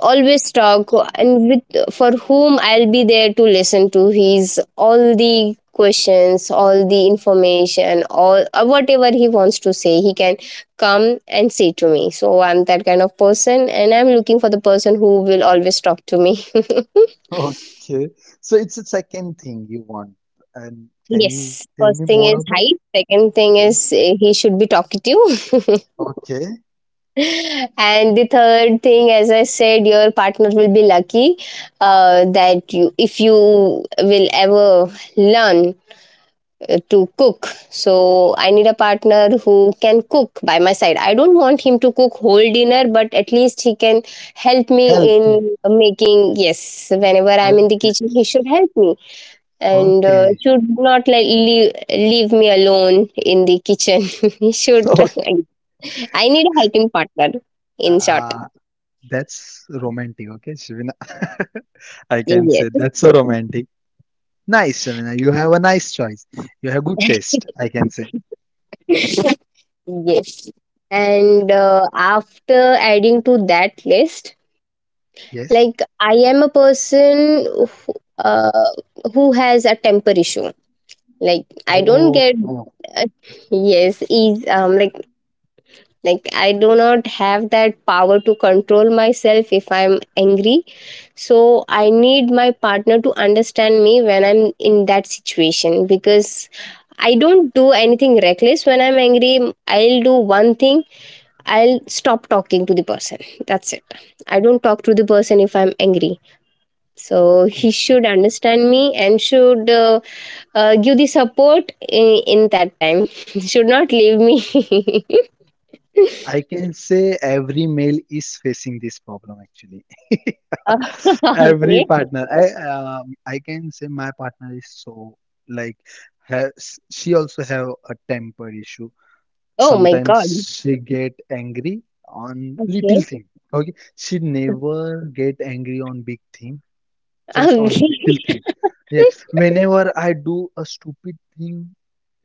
Speaker 2: Always talk and with for whom I'll be there to listen to his all the questions, all the information, all whatever he wants to say, he can come and say to me. So I'm that kind of person, and I'm looking for the person who will always talk to me.
Speaker 1: okay. So it's a second thing you want, and can you
Speaker 2: Yes,
Speaker 1: tell me
Speaker 2: first thing
Speaker 1: more
Speaker 2: is
Speaker 1: about?
Speaker 2: height. Second thing
Speaker 1: Yeah.
Speaker 2: is he should be talkative.
Speaker 1: Okay.
Speaker 2: And the third thing, as I said, your partner will be lucky that you, if you will ever learn to cook, so I need a partner who can cook by my side. I don't want him to cook whole dinner, but at least he can help me
Speaker 1: Help you.
Speaker 2: in making. Yes, whenever I'm in the
Speaker 1: Okay.
Speaker 2: kitchen, he should help me, and
Speaker 1: Okay.
Speaker 2: should not like leave me alone in the kitchen. should
Speaker 1: Okay.
Speaker 2: I need a helping partner. In short,
Speaker 1: Uh, that's romantic, okay, Shivina. I can
Speaker 2: yes.
Speaker 1: say that's so romantic. Nice, Shivina. You have a nice choice. You have good taste, I can say.
Speaker 2: Yes. And after adding to that list,
Speaker 1: Yes.
Speaker 2: like I am a person who has a temper issue. Like I don't
Speaker 1: Oh,
Speaker 2: get
Speaker 1: no.
Speaker 2: uh, yes, is like I do not have that power to control myself if I'm angry. So I need my partner to understand me when I'm in that situation, because I don't do anything reckless. When I'm angry, I'll do one thing: I'll stop talking to the person. That's it. I don't talk to the person if I'm angry. So he should understand me, and should give the support in, in that time. Should not leave me.
Speaker 1: I can say every male is facing this problem actually. Every
Speaker 2: Okay.
Speaker 1: partner. I can say my partner is so like has she also have a temper issue
Speaker 2: Oh my
Speaker 1: sometimes.
Speaker 2: god.
Speaker 1: She get angry on little
Speaker 2: Okay.
Speaker 1: thing. Okay, she never get angry on big thing, just on
Speaker 2: Okay.
Speaker 1: little thing. Yes, whenever I do a stupid thing,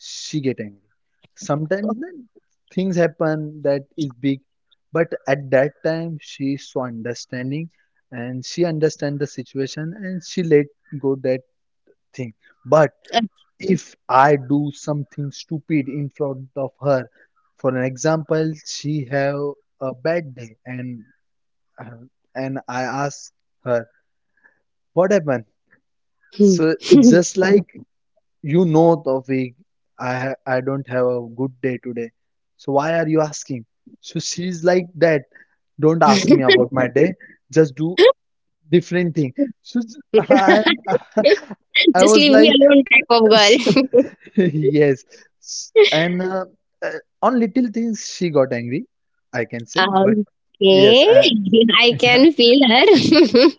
Speaker 1: she get angry. Sometimes then things happen that is big, but at that time she is so understanding and she understand the situation and she let go that thing. But if I do something stupid in front of her, for an example, she have a bad day and, uh, and I ask her what happened.
Speaker 2: Hmm.
Speaker 1: So it's just like, you know, Tawfiq, I don't have a good day today. So why are you asking? So she's like that. Don't ask me about my day. Just do different thing. So I I
Speaker 2: Just
Speaker 1: was
Speaker 2: leave me
Speaker 1: like.
Speaker 2: alone, type of
Speaker 1: S-
Speaker 2: girl.
Speaker 1: Yes. S- And uh, on little things, she got angry, I can say. But yes,
Speaker 2: Okay.
Speaker 1: I,
Speaker 2: I can feel her.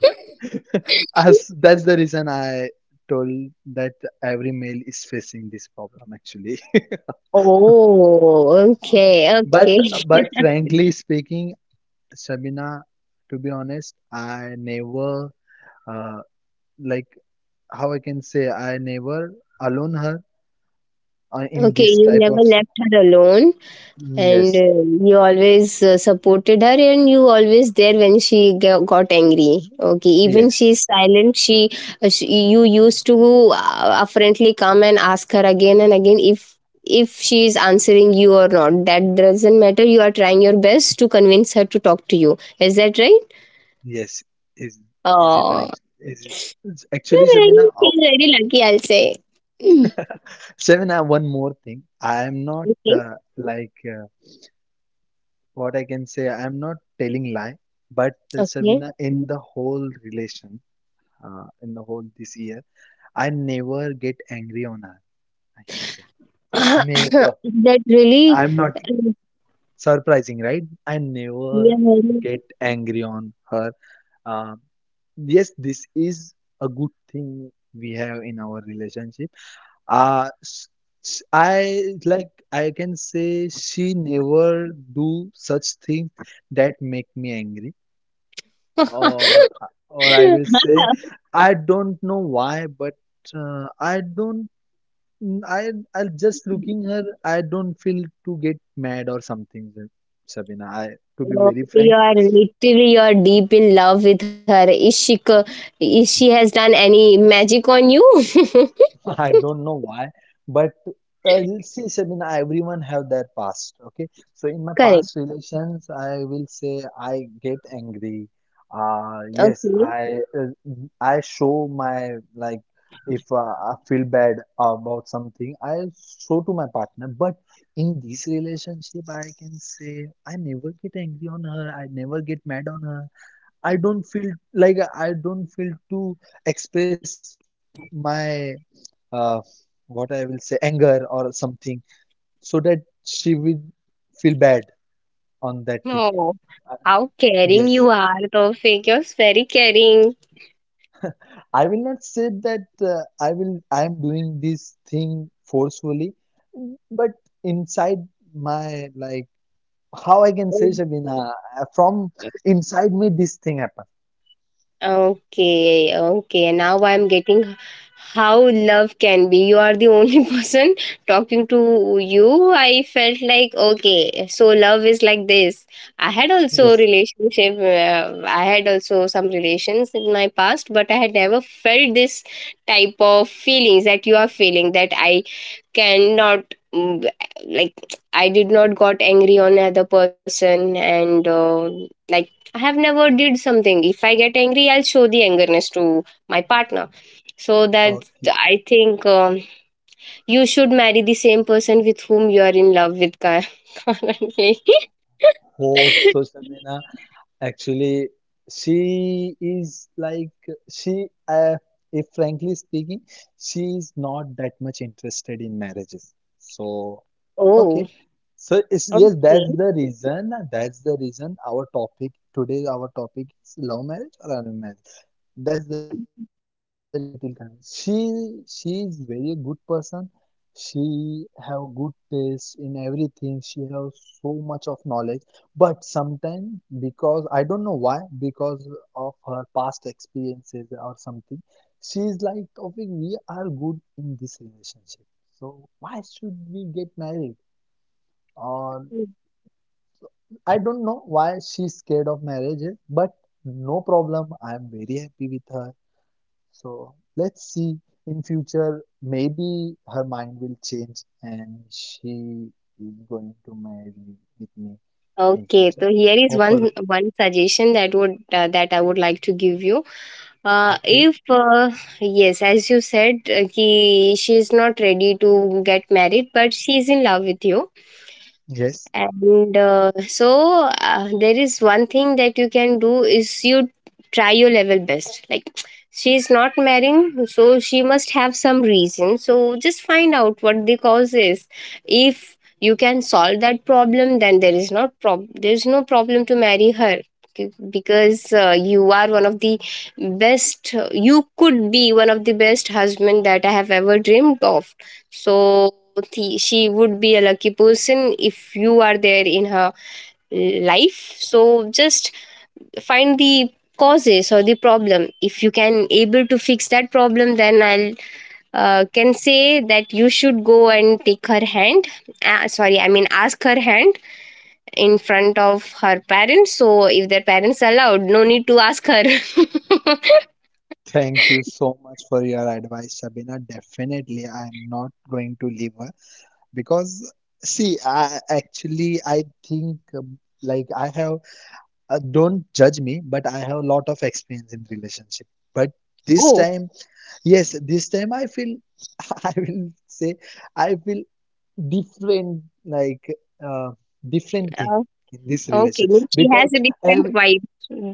Speaker 1: as that's the reason I told that every male is facing this problem actually.
Speaker 2: Oh,
Speaker 1: Um,
Speaker 2: okay,
Speaker 1: But
Speaker 2: okay.
Speaker 1: but frankly speaking, Sabina, to be honest, I never uh, like how I can say, I never alone her in
Speaker 2: Okay,
Speaker 1: this
Speaker 2: you
Speaker 1: type
Speaker 2: never
Speaker 1: of
Speaker 2: left her alone, and
Speaker 1: yes,
Speaker 2: you always supported her and you always there when she got angry. Okay, even
Speaker 1: yes.
Speaker 2: she's silent, she you used to affrontly come and ask her again and again, if she is answering you or not, that doesn't matter. You are trying your best to convince her to talk to you, is that right?
Speaker 1: Yes, is is it
Speaker 2: Oh,
Speaker 1: right? Is it's actually,
Speaker 2: you're very
Speaker 1: Shabina? Oh,
Speaker 2: you're very lucky, I'll say. Mm.
Speaker 1: Shabina, one more thing. I am not
Speaker 2: Okay.
Speaker 1: what I can say. I am not telling lie, but
Speaker 2: Okay.
Speaker 1: Shabina, in the whole relation, in the whole this year, I never get angry on her. I can say, never.
Speaker 2: That really
Speaker 1: I'm not
Speaker 2: uh,
Speaker 1: surprising, right? I never
Speaker 2: yeah, very
Speaker 1: get angry on her. Um yes, this is a good thing we have in our relationship. Uh, s- I can say she never do such things that make me angry, or or I will say, I don't know why, but I don't mm, I I just looking her, I don't feel to get mad or something, Sabina. I To be
Speaker 2: Oh,
Speaker 1: very
Speaker 2: you
Speaker 1: frank,
Speaker 2: are literally you are deep in love with her. Is she has done any magic on you?
Speaker 1: I don't know why, but you'll see, Sabina, everyone have their past. Okay, so in my
Speaker 2: Correct.
Speaker 1: past relations, I will say I get angry. Yes,
Speaker 2: Okay.
Speaker 1: I show my like if I feel bad about something, I show to my partner. But in this relationship, I can say I never get angry on her. I never get mad on her. I don't feel to express my, uh, what I will say, anger or something, so that she will feel bad on that thing.
Speaker 2: Oh,
Speaker 1: Uh,
Speaker 2: how caring
Speaker 1: Yes,
Speaker 2: you are, Tofik. You're very caring.
Speaker 1: I will not say that I am doing this thing forcefully, but inside my, like, how I can say, Shabina, from inside me, this thing happened.
Speaker 2: Okay, okay. Now I'm getting how love can be. You are the only person talking to you. I felt like, okay, so love is like this. I had also
Speaker 1: Yes.
Speaker 2: relationship, I had also some relations in my past, but I had never felt this type of feelings that you are feeling that I cannot mm, like I did not got angry on other person and like I have never did something. If I get angry, I'll show the angerness to my partner so that
Speaker 1: Okay.
Speaker 2: I think you should marry the same person with whom you are in love with currently.
Speaker 1: Hope so, Shabina. Actually, she is like she. If frankly speaking, she is not that much interested in marriages. So
Speaker 2: Oh,
Speaker 1: Okay. So yes,
Speaker 2: okay.
Speaker 1: that's the reason. That's the reason our topic today, our topic is love marriage or arranged marriage. That's the reason I am little convinced. She is very good person. She have good taste in everything. She has so much of knowledge. But sometimes because I don't know why, because of her past experiences or something, she is like, Topic, we are good in this relationship. So why should we get married? Um, I don't know why she's scared of marriage, but no problem. I'm very happy with her. So let's see in future. Maybe her mind will change and she is going to marry with me in
Speaker 2: Okay,
Speaker 1: future.
Speaker 2: so here is
Speaker 1: Hope for
Speaker 2: one suggestion that would that I would like to give you.
Speaker 1: Okay.
Speaker 2: If yes, as you said, ki she is not ready to get married, but she is in love with you
Speaker 1: Yes.
Speaker 2: and there is one thing that you can do is you try your level best like she's not marrying, so she must have some reason, so just find out what the cause is. If you can solve that problem, then there is no problem to marry her. Okay, because you are one of the best, you could be one of the best husband that I have ever dreamed of, so the, she would be a lucky person if you are there in her life, so just find the causes or the problem. If you can able to fix that problem, then I'll can say that you should go and take her hand, sorry, I mean ask her hand in front of her parents, so if their parents allowed, no need to ask her.
Speaker 1: Thank you so much for your advice, Sabina. Definitely, I'm not going to leave her because see, I actually I think like I have. Don't judge me, but I have a lot of experience in relationship, but this
Speaker 2: Oh.
Speaker 1: time, yes, this time I feel I will say I feel different, like uh, different thing
Speaker 2: uh,
Speaker 1: in this
Speaker 2: okay.
Speaker 1: relation
Speaker 2: Means she has a
Speaker 1: because
Speaker 2: different vibe,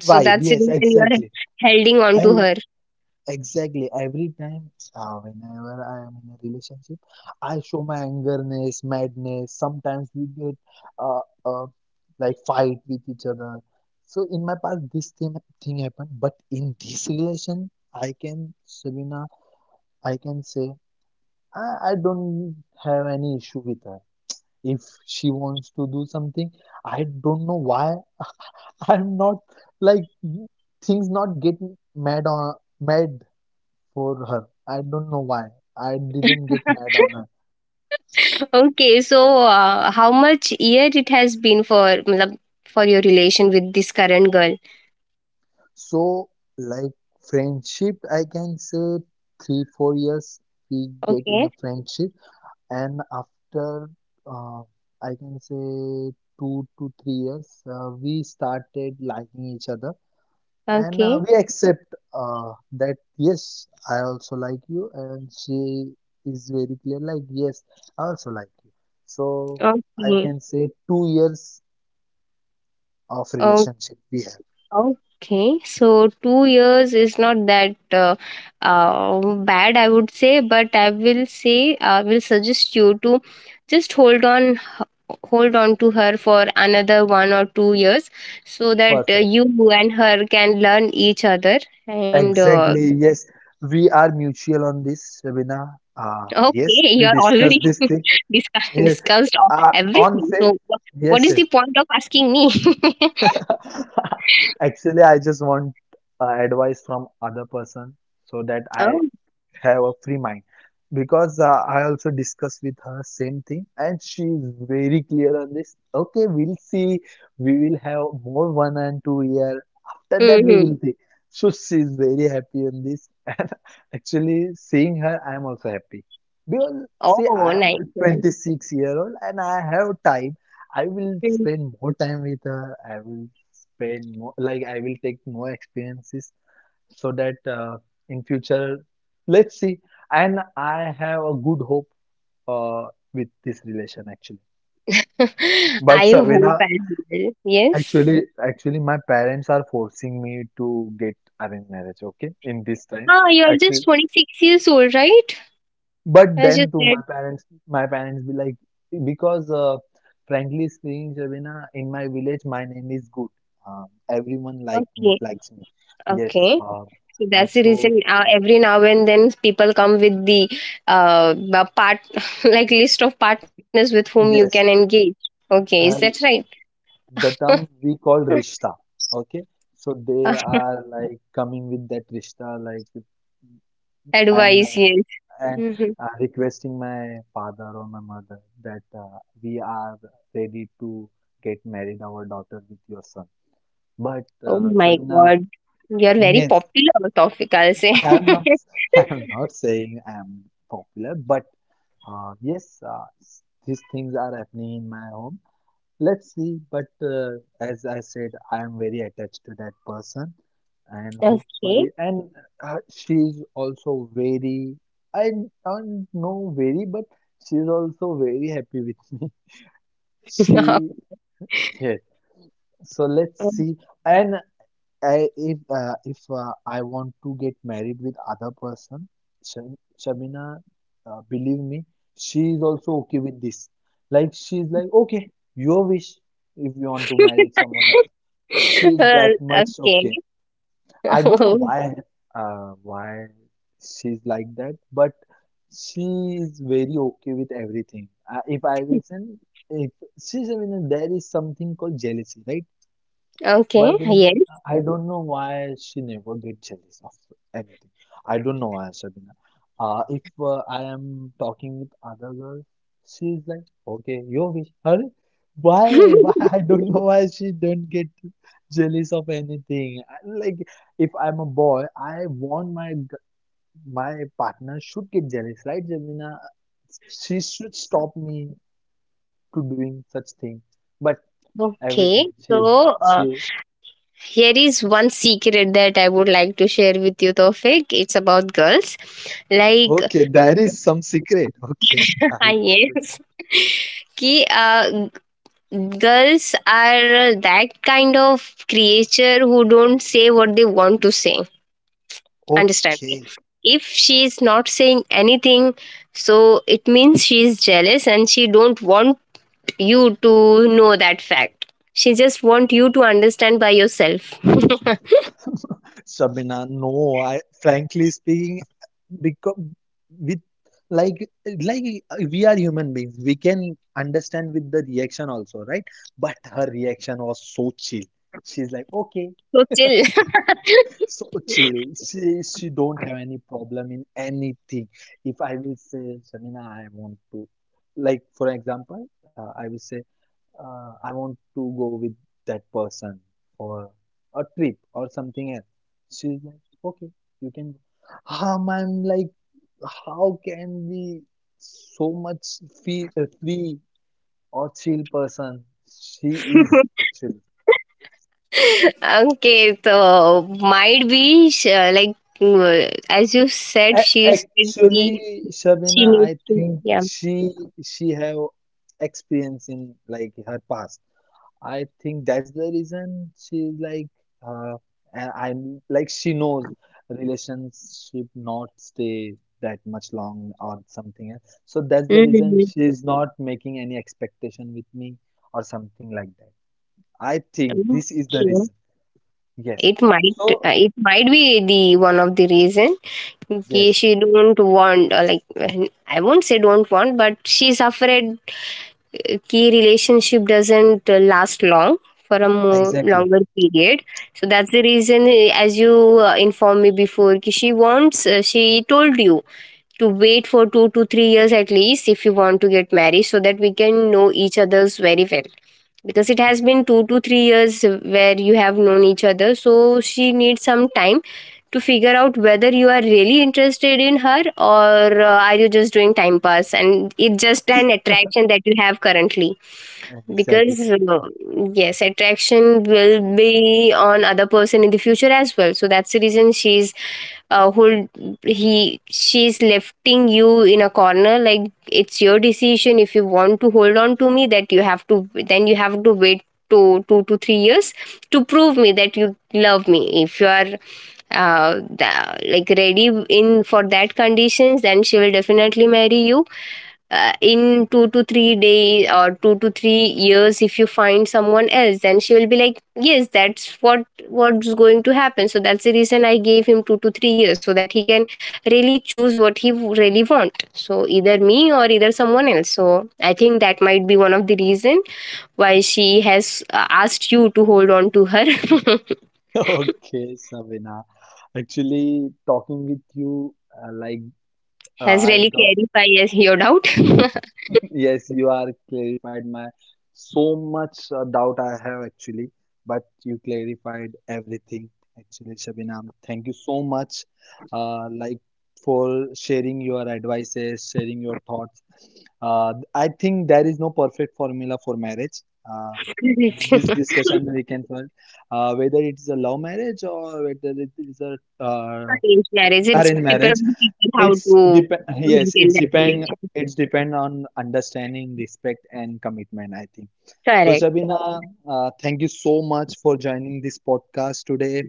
Speaker 2: so
Speaker 1: vibe,
Speaker 2: that's the
Speaker 1: yes,
Speaker 2: reason you are
Speaker 1: exactly.
Speaker 2: holding on to her.
Speaker 1: Exactly. Every time, whenever I am in a relationship, I show my angerness, madness. Sometimes we get uh, uh, like fight with each other. So in my past, this thing happened, but in this relation, I can, Sabina, I can say I don't have any issue with her. If she wants to do something, I don't know why I'm not like things not get mad on mad for her. I don't know why. I didn't get mad on her.
Speaker 2: Okay, so how much year it has been for matlab, for your relation with this current girl?
Speaker 1: So, like friendship, I can say 3, 4 years we get in a
Speaker 2: Okay,
Speaker 1: friendship, and after uh, I can say 2 to 3 years, we started liking each other, and
Speaker 2: okay,
Speaker 1: we accept that yes, I also like you, and she is very clear like yes, I also like you. So I
Speaker 2: okay,
Speaker 1: can say 2 years of
Speaker 2: o-
Speaker 1: relationship we have.
Speaker 2: okay. So 2 years is not that uh, bad, I would say, but I will say I will suggest you to just hold on, hold on to her for another 1 or 2 years, so that
Speaker 1: Perfect.
Speaker 2: you and her can learn each other and
Speaker 1: Exactly. Yes, we are mutual on this, Shabina. Yes,
Speaker 2: okay. You
Speaker 1: we
Speaker 2: are already
Speaker 1: discussed this thing. Yes.
Speaker 2: discussed of
Speaker 1: Uh, on
Speaker 2: everything.
Speaker 1: fa-
Speaker 2: So, what
Speaker 1: Yes,
Speaker 2: is
Speaker 1: yes.
Speaker 2: the point of asking me?
Speaker 1: Actually, I just want advice from other person so that I
Speaker 2: Oh,
Speaker 1: have a free mind because I also discussed with her same thing and she is very clear on this. Okay, we'll see. We will have more 1 and 2 year. After that, we
Speaker 2: hmm.
Speaker 1: will see. So she is very happy on this and actually seeing her, I'm also happy because see,
Speaker 2: Oh, nice.
Speaker 1: I'm
Speaker 2: Nice.
Speaker 1: 26 year old and I have time. I will
Speaker 2: Mhm.
Speaker 1: spend more time with her. I will spend more, like I will take more experiences so that in future let's see, and I have a good hope uh, with this relation actually. But
Speaker 2: I hope
Speaker 1: Savina,
Speaker 2: as well. Yes.
Speaker 1: actually my parents are forcing me to get arranged marriage, okay, in this time.
Speaker 2: Ah, you are
Speaker 1: Actually,
Speaker 2: just 26 years old, right?
Speaker 1: but
Speaker 2: As you
Speaker 1: then to
Speaker 2: said.
Speaker 1: my parents be like, because frankly speaking, Savina, in my village my name is good, everyone like me,
Speaker 2: Okay.
Speaker 1: likes me, yes,
Speaker 2: Okay. So that's the
Speaker 1: so
Speaker 2: reason. Every now and then, people come with the part like list of partners with whom you can
Speaker 1: yes.
Speaker 2: engage. Okay, is that
Speaker 1: Uh,
Speaker 2: right?
Speaker 1: the term we call rishta, okay, so
Speaker 2: Uh,
Speaker 1: they are like coming with that rishta, like, and
Speaker 2: advice,
Speaker 1: uh,
Speaker 2: yes.
Speaker 1: and
Speaker 2: Mhm.
Speaker 1: uh, requesting my father or my mother that we are ready to get married our daughter with your son, but
Speaker 2: Oh my
Speaker 1: Shabina,
Speaker 2: God. You're very
Speaker 1: yes,
Speaker 2: popular topic, I'll say.
Speaker 1: I am not I am not saying I am popular, but yes, these things are happening in my home. Let's see, but as I said, I am very attached to that person, and
Speaker 2: Okay.
Speaker 1: hopefully, and she's also very, I don't know very, but she's also very happy with me. She, yes, so let's
Speaker 2: Um,
Speaker 1: see. And I, if I want to get married with other person, Shabina, believe me, she is also okay with this. Like she's like, okay, your wish if you want to marry someone else. She's
Speaker 2: uh,
Speaker 1: that much okay.
Speaker 2: okay.
Speaker 1: I don't know why she's like that, but she is very okay with everything. If I will send, if she's, I mean, there is something called jealousy, right?
Speaker 2: Okay.
Speaker 1: But then
Speaker 2: Yes.
Speaker 1: I don't know why she never get jealous of anything. I don't know why, Sabina. If I am talking with other girl, she's like, okay, your wish. Her, why? Why? I don't know why she don't get jealous of anything. I- Like if I'm a boy, I want my my partner should get jealous, right, Jamina? She should stop me to doing such thing. But every
Speaker 2: Okay.
Speaker 1: time she's
Speaker 2: So
Speaker 1: she
Speaker 2: here is one secret that I would like to share with you, Tofik. It's about girls. Like,
Speaker 1: Okay, there is some secret. Okay, I will love to.
Speaker 2: yes. कि girls are that kind of creature who don't say what they want to say. Understand me,
Speaker 1: Okay,
Speaker 2: if she is not saying anything, so it means she is jealous and she don't want you to know that fact. She just want you to understand by yourself.
Speaker 1: Shabina, no, I frankly speaking, because with like like we are human beings, we can understand with the reaction also, right? But her reaction was so chill. She's like, okay,
Speaker 2: So chill.
Speaker 1: so chill. She don't have any problem in anything. If I will say, Shabina, I want to, like for example, I will say. I want to go with that person for a trip or something else. She's like, okay, you can go. I'm like, how can we so much feel free or chill person? She is actually.
Speaker 2: Okay, so might be like, as you said,
Speaker 1: A-
Speaker 2: she said
Speaker 1: Actually,
Speaker 2: she
Speaker 1: Shabina,
Speaker 2: needs
Speaker 1: I
Speaker 2: to,
Speaker 1: think
Speaker 2: yeah.
Speaker 1: she have experience in like her past. I think that's the reason she's like, uh, and I'm like she knows relationship not stay that much long or something else. So that's the reason
Speaker 2: Mhm.
Speaker 1: she's not making any expectation with me or something like that. I think this is the
Speaker 2: Okay.
Speaker 1: reason. Yes. So
Speaker 2: It might be the one of the reason in.
Speaker 1: yes,
Speaker 2: She don't want I won't say don't want, but she's afraid key relationship doesn't last long for a more
Speaker 1: exactly.
Speaker 2: longer period. So that's the reason, as you informed me before, ki she wants. She told you to wait for 2 to 3 years at least if you want to get married so that we can know each other's very well, because it has been 2 to 3 years where you have known each other, so she needs some time to figure out whether you are really interested in her or are you just doing time pass, and it's just an attraction that you have currently. Because
Speaker 1: Exactly.
Speaker 2: yes, attraction will be on other person in the future as well, so that's the reason she's hold, he she's lifting you in a corner, like it's your decision. If you want to hold on to me, that you have to, then you have to wait to 2 to 3 years to prove me that you love me. If you are like ready in for that conditions, then she will definitely marry you in 2 to 3 days or 2 to 3 years. If you find someone else, then she will be like yes, that's what what's going to happen. So that's the reason I gave him 2 to 3 years so that he can really choose what really want, so either me or either someone else. So I think that might be one of the reason why she has asked you to hold on to her.
Speaker 1: Okay, Savina. Actually, talking with you, uh, like
Speaker 2: Has
Speaker 1: I
Speaker 2: really
Speaker 1: got
Speaker 2: clarified, yes, your doubt.
Speaker 1: Yes, you are clarified my so much doubt I have actually, but you clarified everything actually, Shabinam. Thank you so much, like for sharing your advices, sharing your thoughts. I think there is no perfect formula for marriage. Uh, with this
Speaker 2: Correct.
Speaker 1: discussion, we can find whether it is a love marriage or whether it is a uh,
Speaker 2: Arranged marriage, it's
Speaker 1: arranged
Speaker 2: depend on
Speaker 1: marriage.
Speaker 2: the people how
Speaker 1: It's
Speaker 2: to
Speaker 1: depend. Yes,
Speaker 2: maintain that
Speaker 1: it's depend.
Speaker 2: relationship.
Speaker 1: It's depend on understanding, respect, and commitment, I think. So,
Speaker 2: Correct.
Speaker 1: Shabina, thank you so much for joining this podcast today,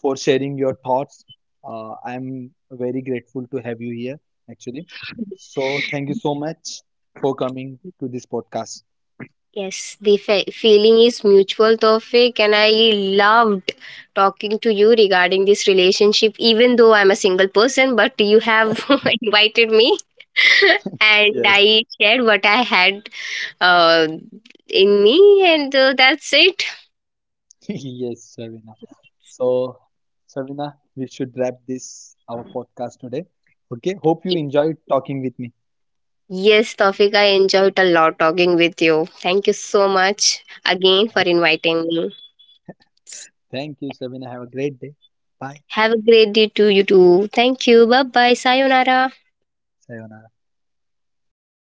Speaker 1: for sharing your thoughts. I'm very grateful to have you here, actually. So, thank you so much for coming to this podcast.
Speaker 2: Yes, the feeling is mutual, Tawfiq, and I loved talking to you regarding this relationship, even though I'm a single person, but you have invited me and
Speaker 1: Yes,
Speaker 2: I shared what I had uh, in me, and that's it.
Speaker 1: yes, Shabina. So, Shabina, we should wrap this our podcast today. Okay, hope you enjoyed talking with me.
Speaker 2: Yes, Tawfiq, I enjoyed a lot talking with you. Thank you so much again for inviting me.
Speaker 1: Thank you, Sabina. Have a great day. Bye.
Speaker 2: Have a great day to you too. Thank you. Bye bye. Sayonara.